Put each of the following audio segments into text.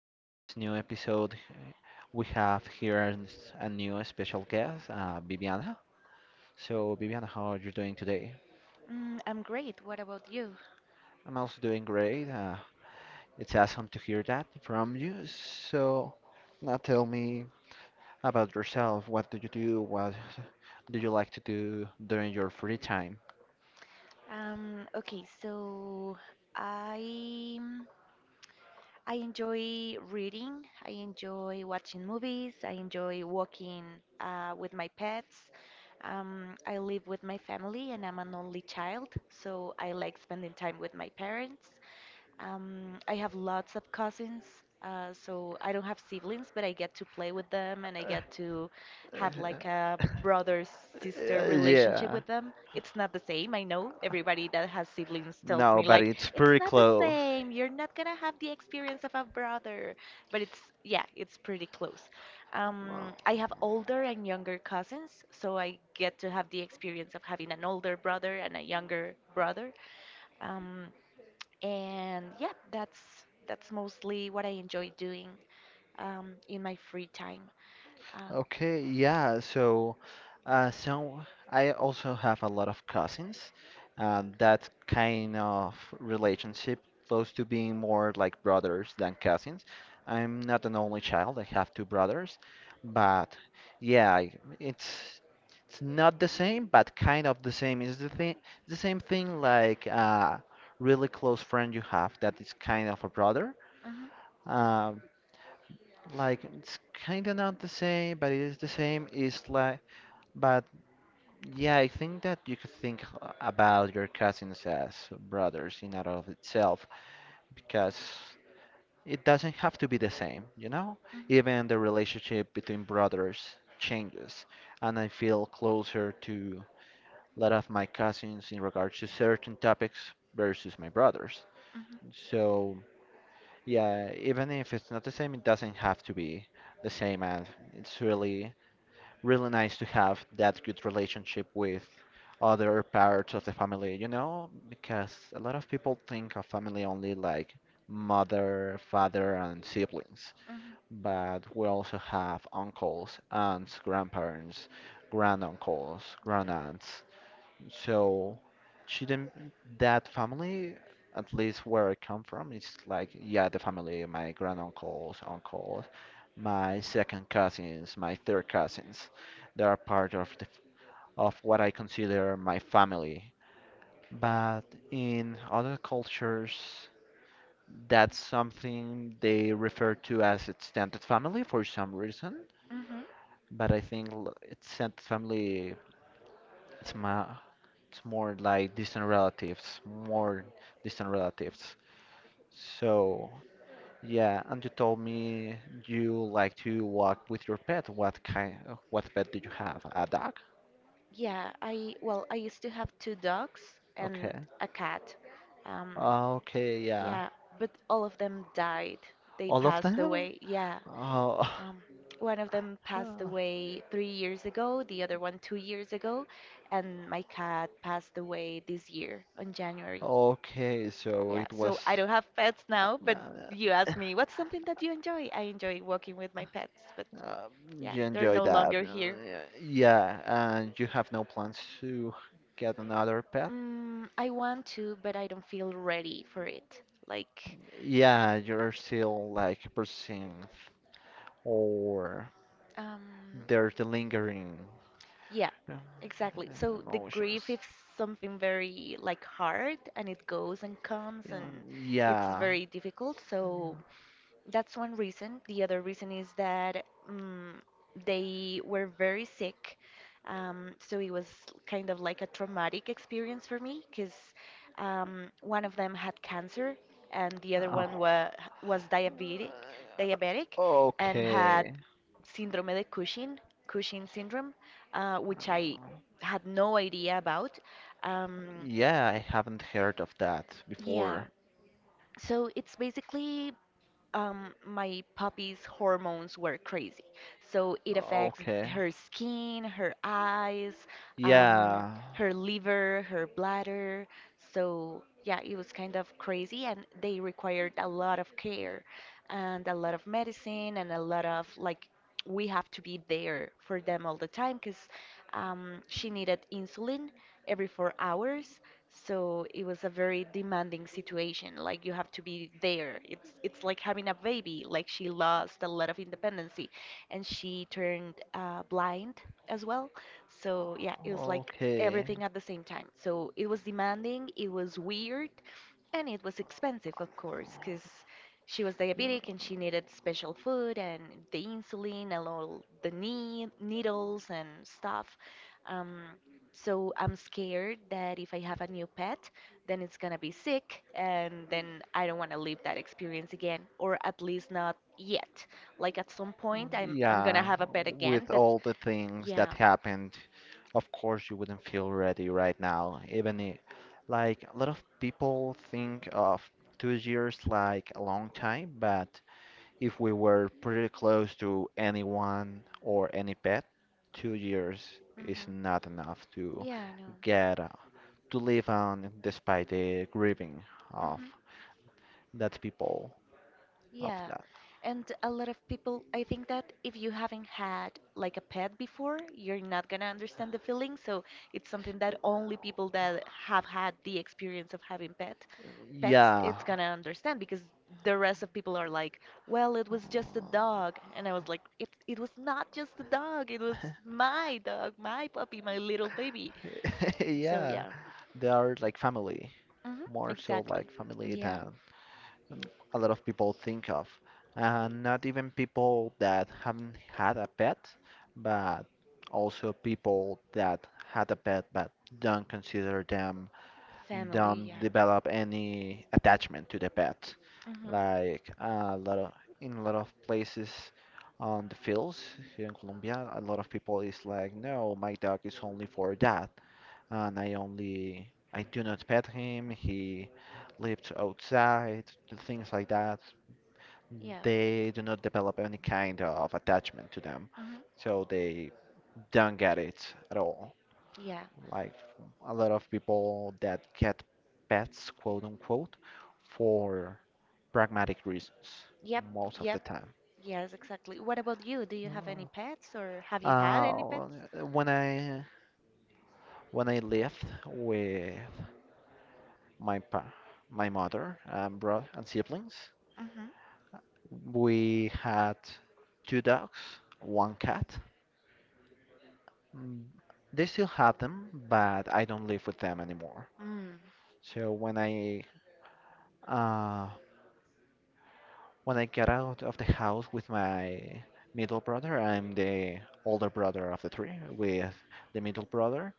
In this new episode, we have here a new special guest, Viviana. So, Viviana, how are you doing today? Mm, I'm great. What about you? I'm also doing great. It's awesome to hear that from you. So, now tell me about yourself. What do you do? What do you like to do during your free time? Okay, so I I enjoy reading. I enjoy watching movies. I enjoy walking with my pets. I live with my family, and I'm an only child, so I like spending time with my parents. I have lots of cousins, so I don't have siblings, but I get to play with them and I get to have like a Uh, brother sister relationship yeah, with them. It's not the same. I know everybody that has siblings tells no, me but like it's it's pretty not the close. same. You're not gonna have the experience of a brother, but it's yeah, it's pretty close. I have older and younger cousins, so I get to have the experience of having an older brother and a younger brother. Um, and yeah, that's mostly what I enjoy doing in my free time. Uh Okay, yeah. So, uh, so I also have a lot of cousins. That kind of relationship, close to being more like brothers than cousins. I'm not an only child. I have two brothers, but yeah, it's it's not the same, but kind of the same. It's the thing, the same thing like a really close friend you have that is kind of a brother. mhm. Uh, like it's kind of not the same, but it is the same. It's like, but yeah, I think that you could think about your cousins as brothers in and of itself, because it doesn't have to be the same, you know? Mhm. Even the relationship between brothers changes, and I feel closer to a lot of my cousins in regards to certain topics versus my brothers. So yeah, even if it's not the same, it doesn't have to be the same, and it's really really nice to have that good relationship with other parts of the family, you know, because a lot of people think of family only like mother, father, and siblings, Mhm. Mhm. but we also have uncles, aunts, grandparents, granduncles, Yeah. grandaunts. So she didn't, that family, at least where I come from, it's like, yeah, the family, my granduncles, uncles, my second cousins, my third cousins, they are part of the, of what I consider my family. But in other cultures, that's something they refer to as extended family for some reason. Hmm. But I think extended family is my, it's more like distant relatives, more distant relatives. So, yeah, and you told me you like to walk with your pet. What kind, what pet do you have? A dog? Yeah, I well, I used to have two dogs and Okay. a cat. Um, Ah, okay, yeah. yeah, but all of them died. They All of passed them? away. Yeah. Oh, Um, One of them passed away 3 years ago, the other one 2 years ago, and my cat passed away this year on January. okay, so Yeah, it was. so I don't have pets now, but you asked me, what's something that you enjoy? I enjoy walking with my pets, but Uh, yeah, you they're enjoy no that. longer here. Yeah, yeah, and you have no plans to get another pet? Mm, I want to, but I don't feel ready for it. Like, Yeah, you're still like pursuing, or um, there's the lingering yeah, uh, exactly. So the grief emotions. is something very like hard, and it goes and comes, and Yeah, it's yeah. very difficult. So that's one reason. The other reason is that they were very sick. So it was kind of like a traumatic experience for me, because one of them had cancer, and the other Oh. one was diabetic, and had Okay. syndrome de Cushing, Cushing syndrome, which I Uh, had no idea about. Um, yeah, I haven't heard of that yeah, before. so it's basically my puppy's hormones were crazy. So it affects Okay. her skin, her eyes, um, Yeah. her liver, her bladder. So yeah, it was kind of crazy, and they required a lot of care and a lot of medicine and a lot of like we have to be there for them all the time, because she needed insulin every 4 hours, so it was a very demanding situation. Like you have to be there. It's like having a baby. Like she lost a lot of independency, and she turned blind as well. So yeah, it was like Okay. everything at the same time. So it was demanding. It was weird, and it was expensive, of course, because she was diabetic and she needed special food and the insulin and all the needles and stuff. Um, so I'm scared that if I have a new pet, then it's gonna be sick, and then I don't want to live that experience again, or at least not yet. Like at some point, I'm gonna Yeah, have a pet again, with but all the things yeah. that happened, of course you wouldn't feel ready right now. Like a lot of people think of 2 years like a long time, but if we were pretty close to anyone or any pet, 2 years is Hmm. not enough to Yeah, I know. get to live on despite the grieving of Hmm. that people of Yeah. that. And a lot of people, I think that if you haven't had like a pet before, you're not gonna understand the feeling. So it's something that only people that have had the experience of having pets Yeah. it's gonna understand, because the rest of people are like, well, it was just a dog. And I was like, it was not just a dog, it was my dog, my puppy, my little baby. So Yeah, yeah. they are like family, Hmm, more so exactly. like family Yeah. than a lot of people think of. And not even people that haven't had a pet, but also people that had a pet but don't consider them, Family, yeah. don't develop any attachment to the pet. Hmm. Like a lot of, in a lot of places on the fields here in Colombia, a lot of people is like, no, my dog is only for that and I do not pet him. He lives outside, things like that. Yeah. They do not develop any kind of attachment to them, Hmm. so they don't get it at all. Yeah. Like a lot of people that get pets, quote unquote, for pragmatic reasons Yep. most of the Yep. time. Yes, exactly. What about you, do you have any pets, or have you had any Uh, pets? when I when I lived with my pa- my mother and brother and siblings, Mm-hmm. we had two dogs, one cat. Mm, they still have them, but I don't live with them anymore. So uh, when I get out of the house with my middle brother, I'm the older brother of the three. With the middle brother,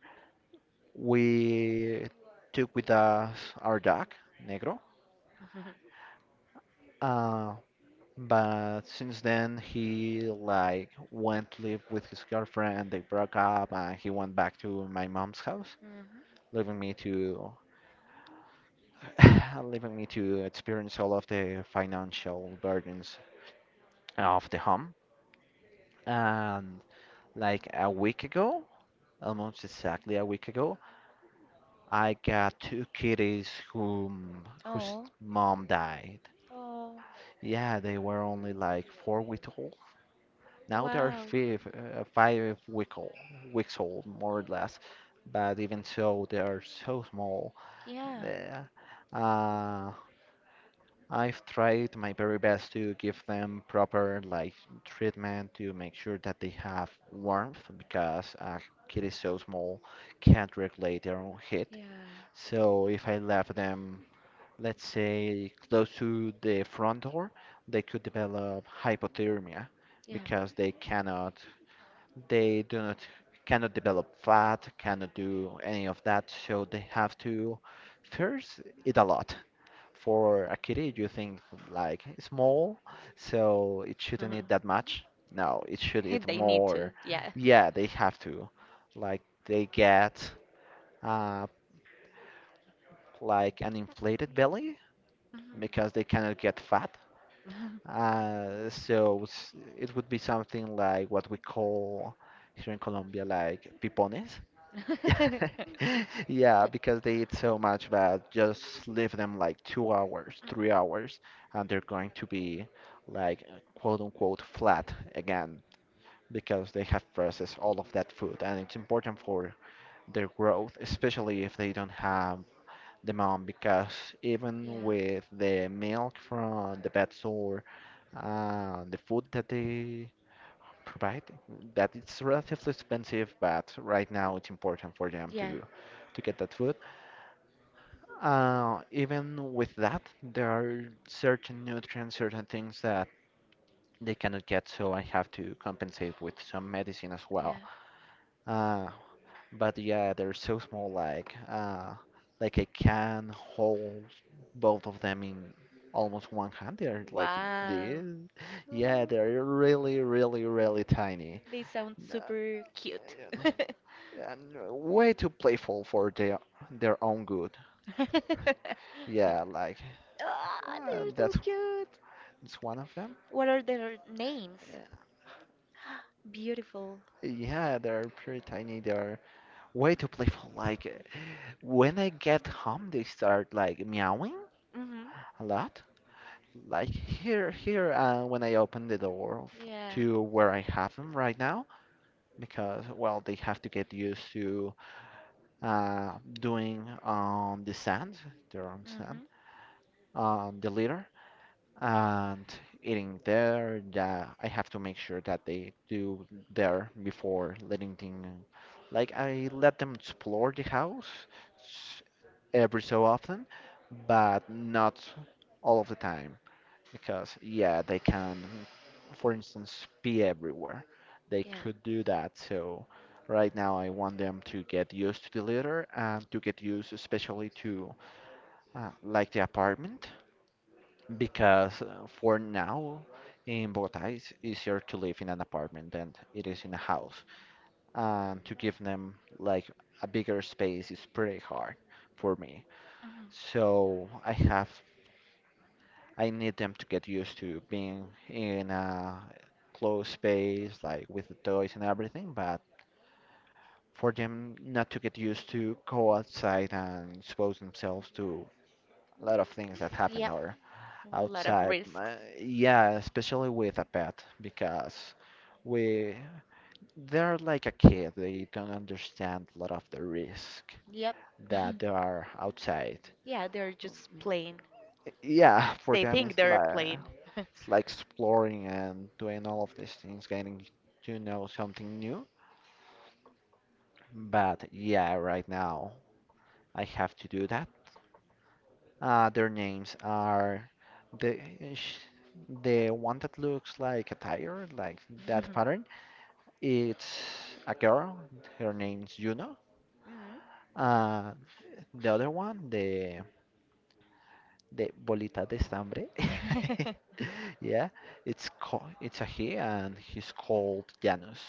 we took with us our dog Negro. Mm-hmm. Uh, But since then, he like went to live with his girlfriend, they broke up, and he went back to my mom's house, leaving me to leaving me to experience all of the financial burdens of the home. And like a week ago, almost exactly a week ago, I got two kitties whom whose Oh, mom died. oh, Yeah, they were only like 4 weeks old. Now they are wow. five, weeks old, more or less. But even so, they are so small. Yeah, The- uh, I've tried my very best to give them proper like treatment to make sure that they have warmth because a kid is so small, can't regulate their own heat. yeah, So if I left them, let's say, close to the front door, they could develop hypothermia yeah. because they cannot they do not cannot develop fat, cannot do any of that, so they have to first eat a lot. For a kitty, you think like small, so it shouldn't eat that much. No, it should eat They need to, more. yeah. Yeah, they have to. Like they get uh, like an inflated belly Mhm. because they cannot get fat. So it would be something like what we call here in Colombia like pipones. Mhm. Yeah, because they eat so much that just leave them like 2 hours, 3 hours, and they're going to be like quote unquote flat again because they have processed all of that food and it's important for their growth, especially if they don't have the mom because even Yeah, with the milk from the pet store, the food that they provide, that it's relatively expensive, but right now it's important for them yeah, to get that food. Even with that, there are certain nutrients, certain things that they cannot get, so I have to compensate with some medicine as well. yeah. Uh, but yeah, they're so small, like I can hold both of them in almost one hand. They're like Wow. this. Yeah, they're really, really, really tiny. They sound super Yeah, cute. yeah. Yeah, and way too playful for their own good. Yeah, like Ah, they're so that's cute. it's one of them. What are their names? Yeah, Beautiful. yeah, they're pretty tiny. They're way too playful. Like when I get home, they start like meowing Mhm. a lot. Like here, here, when I open the door f Yeah. to where I have them right now, because well, they have to get used to doing on the sand, their own sand, Mhm. on the litter, and eating there. Yeah, I have to make sure that they do there before letting them. Like I let them explore the house s- every so often, but not all of the time because yeah, they can, for instance, be everywhere. They Yeah. could do that. So right now I want them to get used to the litter and to get used especially to like the apartment because for now in Bogota it's easier to live in an apartment than it is in a house. And to give Mm. them like a bigger space is pretty hard for me. Mhm. So I need them to get used to being in a closed space like with the toys and everything, but for them not to get used to go outside and expose themselves to a lot of things that happen Yep. or A lot of outside. risks. Yeah, especially with a pet because we they're like a kid. They don't understand a lot of the risk Yep. that they are outside. Yeah, they're just plain. Yeah, for They them think they're plain. it's like exploring and doing all of these things, getting to know something new. But yeah, right now I have to do that. Their names are the sh- the one that looks like a tiger, like that pattern. It's a girl. Her name's Juno. Mhm. Uh, the other one, the bolita de estambre. Yeah, it's a he, and he's called Janus,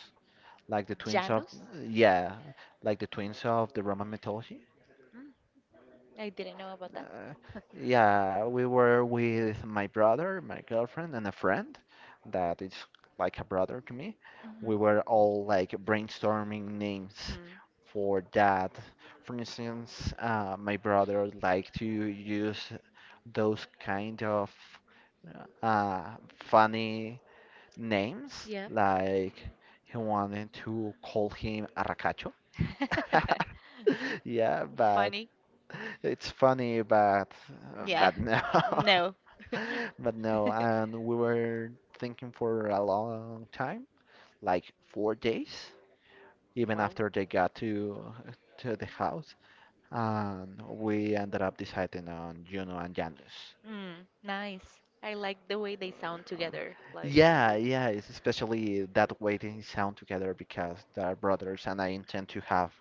like the twins of Janos? yeah, like the twins of the Roman mythology. Mm, I didn't know about that. Uh, yeah, we were with my brother, my girlfriend, and a friend that is like a brother to me. Mhm. We were all like brainstorming names Hmm. for that. For instance, my brother would like to use those kind of funny names, Yep. like he wanted to call him Arracacho. Hmm? Yeah, but Funny? it's funny, Yeah. but no, No. but no. And we were thinking for a long time, like 4 days, even Wow. after they got to the house, and we ended up deciding on Juno and Janus. Mm, nice. I like the way they sound together. Yeah, yeah. It's especially that way they sound together because they're brothers, and I intend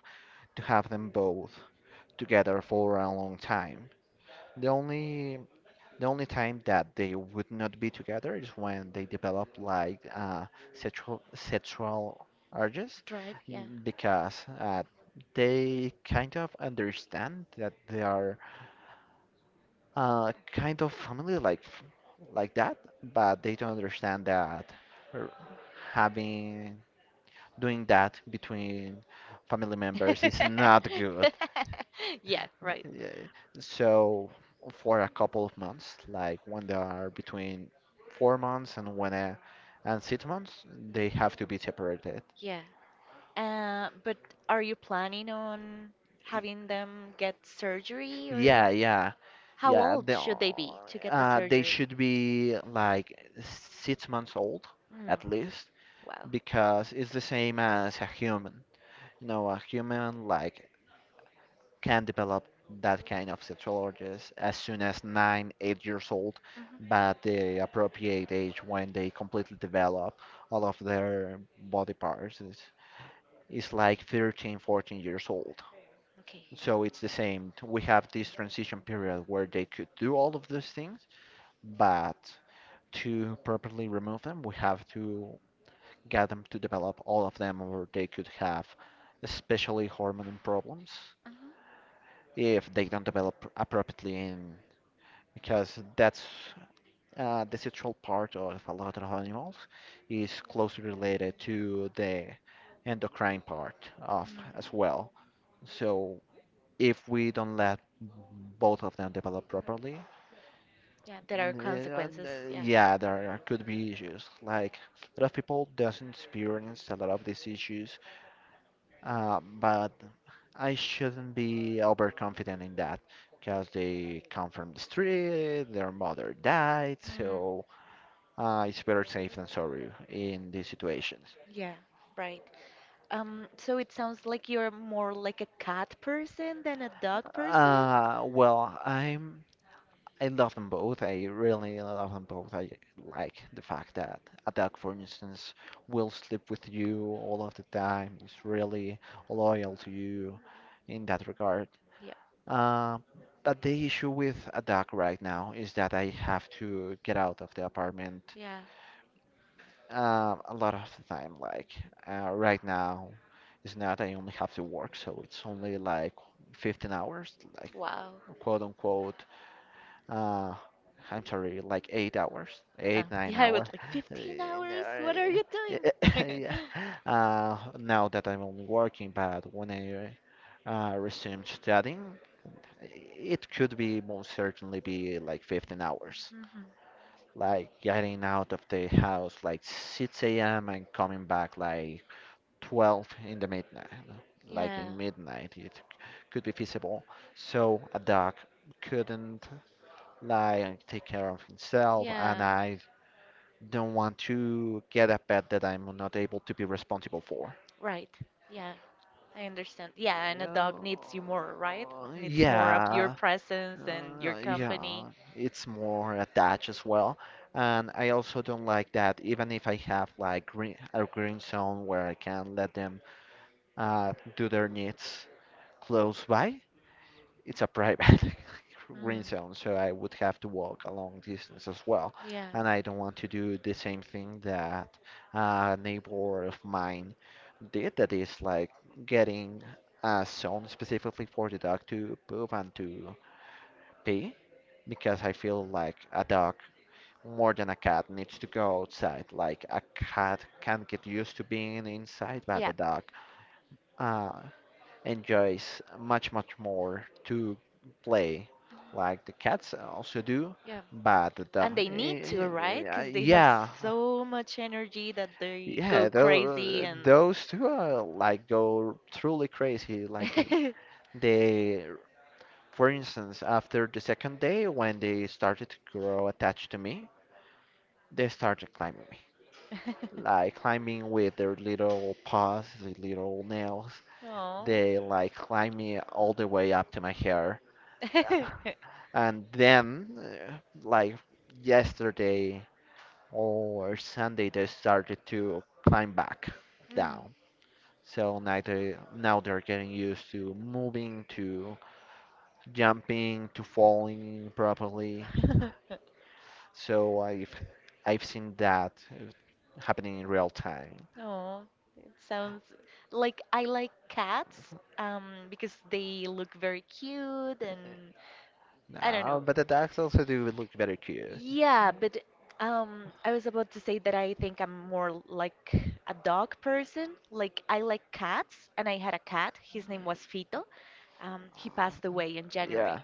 to have them both together for a long time. The only the only time that they would not be together is when they develop like sexual urges Drive, yeah. Because they kind of understand that they are kind of family like like that, but they don't understand that r- having doing that between family members is not good. Yeah, right. Yeah. So for a couple of months, like when they are between 4 months and 6 months, they have to be separated. Yeah. But are you planning on Y- having them get surgery, Yeah, or yeah, how yeah. old They should they be to get the uh, they surgery? should be like 6 months old Mm. at least Wow. because it's the same as a human. A human like can develop that kind of sexologies as soon as 9, 8 years old, Hmm. but the appropriate age when they completely develop all of their body parts is like 13, 14 years old. Okay. So it's the same. We have this transition period where they could do all of those things, but to properly remove them, we have to get them to develop all of them, or they could have especially hormone problems Hmm. if they don't develop appropriately in because that's the sexual part of a lot of animals is closely related to the endocrine part of Mm. as well. So if we don't let both of them develop properly, Yeah, there are uh, consequences. Yeah. yeah, there could be issues. Like a lot of people doesn't experience a lot of these issues, but I shouldn't be overconfident in that because they come from the street, their mother died. Mm, So it's better safe than sorry in these situations. yeah, right. So it sounds like you're more like a cat person than a dog person? Well, I love them both. I really love them both. I like the fact that a dog, for instance, will sleep with you all of the time, is really loyal to you in that regard. Yeah, Uh, but the issue with a dog right now is that I have to get out of the apartment yeah. A lot of the time, like right now, it's not. I only have to work, so it's only like 15 hours, like Wow. quote unquote. Uh, I'm sorry, like 8 hours, Yeah, eight nine yeah, I was hour. like 15 hours. What are you Yeah, doing? yeah. Now that I'm only working, but when I resume studying, it could be most certainly be like 15 hours, Hmm. like getting out of the house like 6 a.m. and coming back like 12 in the midnight, like Yeah. in midnight, it could be feasible. So a dog couldn't like take care of himself, and Yeah, I don't want to get a pet that I'm not able to be responsible for. right. Yeah, I understand. Yeah, Yeah, and a dog needs you more, right? Needs more of your yeah. presence and your Yeah, company. it's more attached as well. And I also don't like that, even if I have like a green zone where I can let them do their needs close by, it's a private green Mm. zone, so I would have to walk a long distance as well. Yeah. And I don't want to do the same thing that a neighbor of mine did, that is like getting a zone specifically for the dog to poop and to pee because I feel like a dog more than a cat needs to go outside. Like a cat can't get used to being inside, but Yeah. a dog uh, enjoys much, much more to play, like the cats also do. Yeah. But the dog, And they need to, right? Because they have yeah, so much energy that they go yeah, crazy and. those two are like go truly crazy. Like they, they for instance after the second day when they started to grow attached to me, they started climbing me. Like climbing with their little paws, their little nails. Oh. They like climb me all the way up to my hair. And then, like yesterday or Sunday, they started to climb back Mm. down. So now they're getting used to moving, to jumping, to falling properly. So I've seen that happening in real time. Oh, it sounds like I like cats because they look very cute and I don't know. No, but the ducks also do look very cute. Yeah, but I was about to say that I think I'm more like a dog person. Like I like cats and I had a cat. His name was Fito. He passed Uh, away in Yeah. January.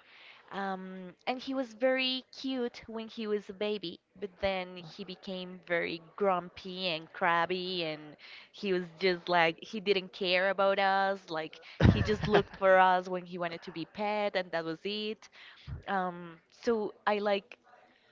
And he was very cute when he was a baby, but then he became very grumpy and crabby, and he was just like, he didn't care about us. Like, he just looked for us when he wanted to be pet, and that was it. So I like,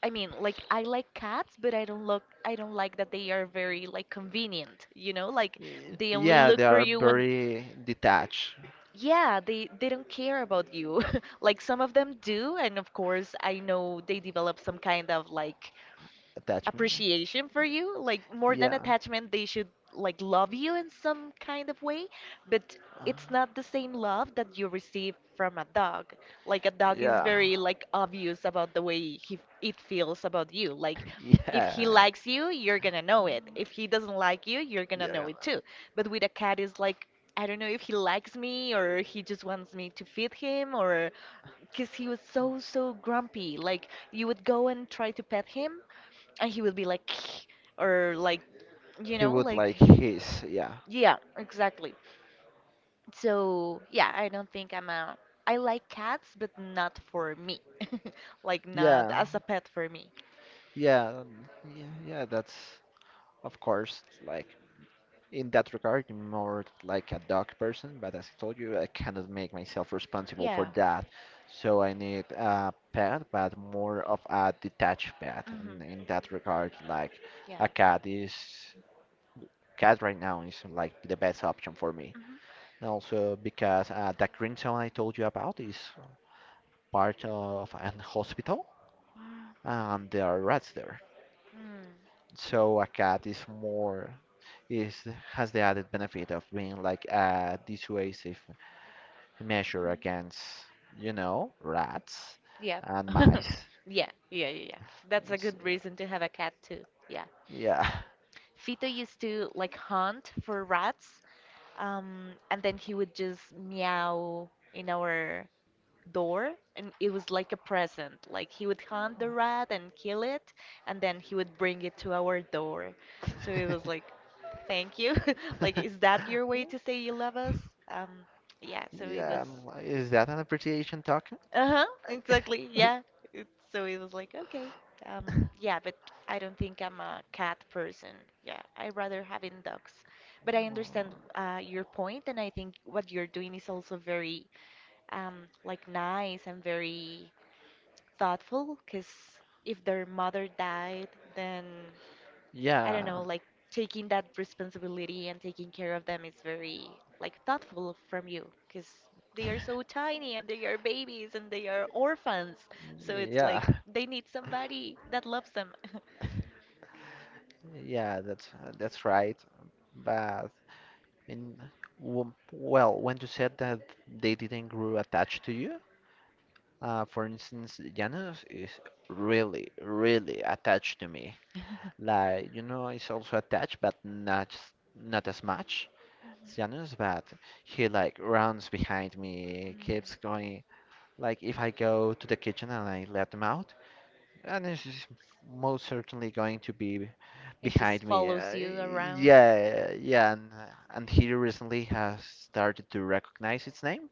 I mean, like I like cats, but I don't like that they are very like convenient, like they only Yeah, they look for are you when. very detached. Yeah, they don't care about you. Like some of them do, and of course, I know they develop some kind of like Attachment. appreciation for you, like more than Yeah. attachment. They should like love you in some kind of way, but Uh, it's not the same love that you receive from a dog. Like a dog is Yeah. very like obvious about the way he it feels about you. Like if he Yeah. likes you, you're gonna know it. If he doesn't like you, you're gonna know Yeah. it too. But with a cat is like, I don't know if he likes me, or he just wants me to feed him. Or because he was so so grumpy, like you would go and try to pet him, and he would be like or like, He would like like, his, yeah. yeah, exactly. So yeah, I don't think I like cats, but not for me. Like, not Yeah. as a pet for me. Yeah, yeah, yeah, that's of course like in that regard, I'm more like a dog person, but as I told you, I cannot make myself responsible for Yeah. that. So I need a pet, but more of a detached pet. And Hmm. in that regard, like Yeah. a cat is cat right now is like the best option for me. Mm-hmm. And also because that green zone I told you about is part of an hospital, Mm. and there are rats there. Mm, So a cat is more is has the added benefit of being like a dissuasive measure mm. against rats Yeah. and mice. Yeah, yeah, yeah, yeah. That's a good reason to have a cat too, yeah. Yeah. Fito used to like hunt for rats. And then he would just meow in our door, and it was like a present. Like he would hunt the rat and kill it, and then he would bring it to our door. So it was like, thank you. Like, is that your way to say you love us? Um, yeah, so it was Yeah, I is that an appreciation token? uh-huh, exactly. Yeah. It, so it was like, okay. Um, yeah, but I don't think I'm a cat person. Yeah, I rather having dogs. But I understand your point, and I think what you're doing is also very like nice and very thoughtful. Cause if their mother died, then I don't Yeah, know, like taking that responsibility and taking care of them is very like thoughtful from you, because they are so tiny and they are babies and they are orphans. So it's yeah, like they need somebody that loves them. yeah. That's right. But in well, when you said that they didn't grow attached to you. For instance, Janus is really, really attached to me. Like, he's also attached, but not as much Mhm. as Janus, but he like runs behind me, Mm. keeps going. Like, if I go to the kitchen and I let him out, Janus is most certainly going to be It just behind me. follows you around. Yeah, yeah, and he recently has started to recognize its name.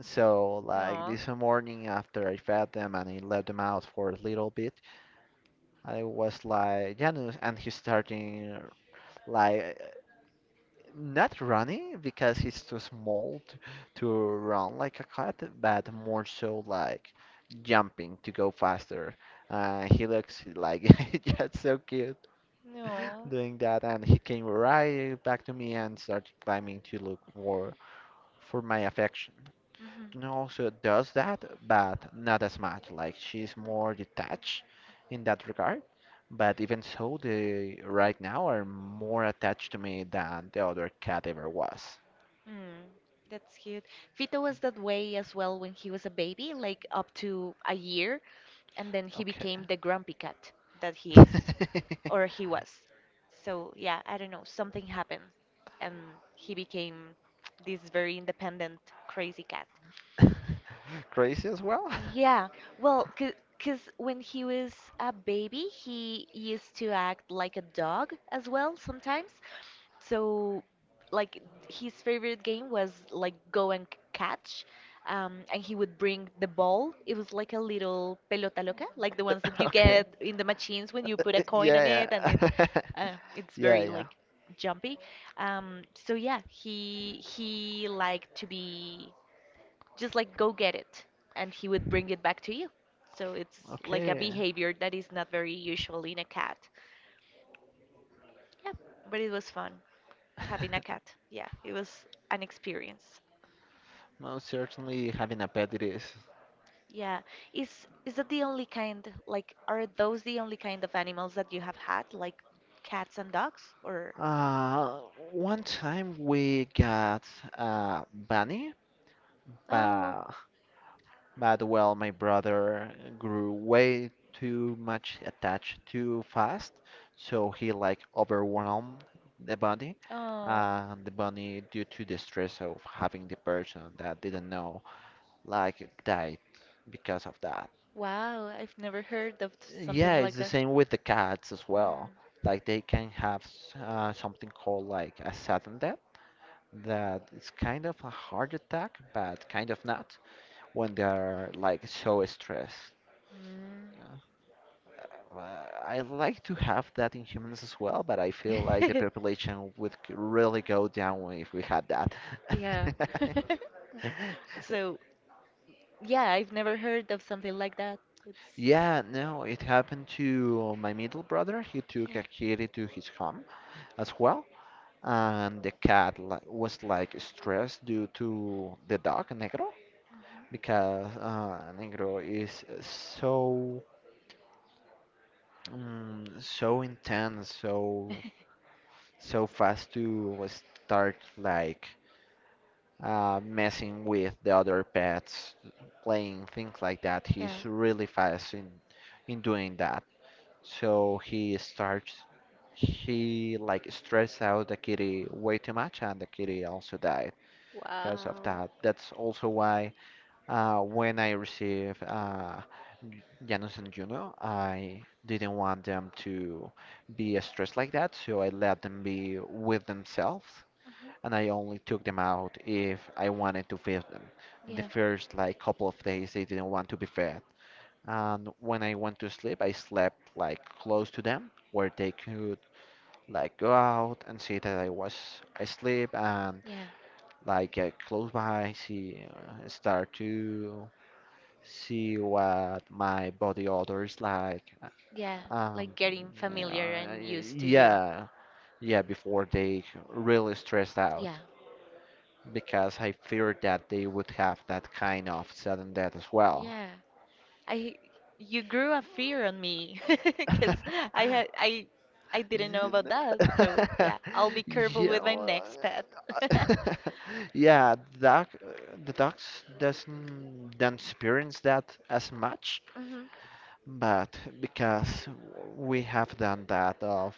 So like No. this morning after I fed them and I let them out for a little bit, I was like Janus and he's starting like not running because he's too small to run like a cat, but more so like jumping to go faster. He looks like just so cute No. doing that, and he came right back to me and started climbing to look for my affection. Hmm. No, she does that, but not as much. Like she's more detached in that regard. But even so, they right now are more attached to me than the other cat ever was. Mm, that's cute. Vito was that way as well when he was a baby, like up to a year, and then he Okay. became the grumpy cat that he is, or he was. So, yeah, I don't know, something happened, and he became this very independent, crazy cat. Crazy as well? Yeah, well, because when he was a baby, he used to act like a dog as well sometimes. So, like his favorite game was like go and catch, and he would bring the ball. It was like a little pelota loca, like the ones that you Okay. get in the machines when you put a coin on Yeah, it, and it yeah. It's Yeah, very yeah. like jumpy. So yeah, he liked to be just like go get it, and he would bring it back to you. So it's like a Okay. behavior that is not very usual in a cat. Yeah, but it was fun having a cat. Yeah, it was an experience. Most certainly having a pet it is. Yeah. Is that the only kind, like are those the only kind of animals that you have had, like cats and dogs, or... Uh, One time we got uh, bunny, Oh, but well, my brother grew way too much attached too fast, so he like overwhelmed the bunny, oh. and the bunny, due to the stress of having the person that didn't know, like died because of that. Wow, I've never heard of Yeah, something it's like the that. same with the cats as well. Mm. Like they can have something called like a sudden death that it's kind of a heart attack, but kind of not when they're like so stressed. Yeah. I like to have that in humans as well, but I feel like the Mm. population would really go down if we had that. Yeah. So, yeah, I've never heard of something like that. It's Yeah, no, it happened to my middle brother. He took Yeah. a kitty to his home as well, and the cat li was like stressed due to the dog, Negro. Because Negro is so so intense, so so fast to start like messing with the other pets, playing things like that. He's Yeah. really fast in doing that. So he like stressed out the kitty way too much, and the kitty also died because of Wow. that. That's also why when I receive Janus and Juno, I didn't want them to be stressed like that, so I let them be with themselves, Uh-huh. and I only took them out if I wanted to feed them. The Yeah. first like couple of days they didn't want to be fed, and when I went to sleep, I slept like close to them, where they could like go out and see that I was asleep and Yeah. like get close by, see, start to see what my body odor is like, Yeah. um, Like getting familiar and used to you. yeah, yeah, before they really stressed Yeah. out because I feared that they would have that kind of sudden death as well. Yeah. I You grew a fear on me. Because I had I didn't know You. about that. So yeah, I'll be careful Yeah, with my well, next pet. uh, yeah, the ducks doesn't don't experience that as much. Hmm. But because we have done that of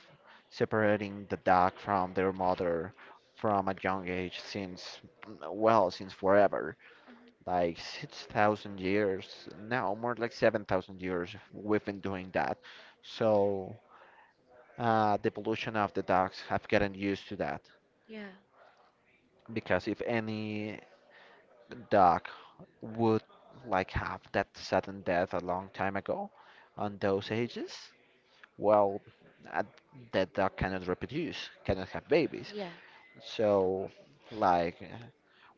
separating the dog from their mother from a young age since, well, since forever, Hmm. like 6,000 years, no, more like 7,000 years we've been doing that. So the evolution of the dogs have gotten used to that Yeah. because if any dog would like have that sudden death a long time ago on those ages, well, uh, that dog cannot reproduce, cannot have babies. Yeah. So, like,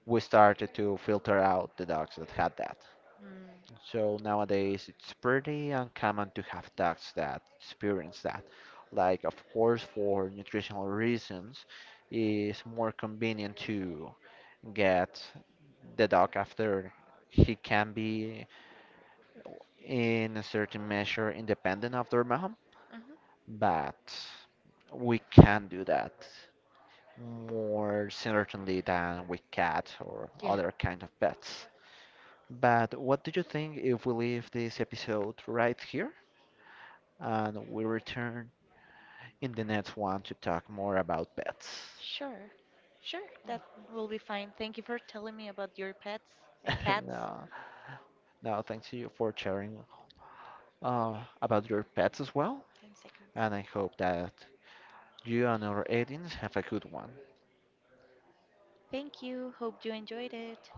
we started to filter out the dogs that had that. Mm. So nowadays, it's pretty uncommon to have dogs that experience that. Like, of course, for nutritional reasons, it's more convenient to get the dog after he can be, in a certain measure, independent of their mom. Hmm. But we can do that more certainly than with cats or Yeah. other kind of pets. But what do you think if we leave this episode right here and we return in the next one to talk more about pets? Sure, sure, that will be fine. Thank you for telling me about your pets and cats. no, no, thanks to you for sharing about your pets as well, 10 seconds. and I hope that you and our audience have a good one. Thank you. Hope you enjoyed it.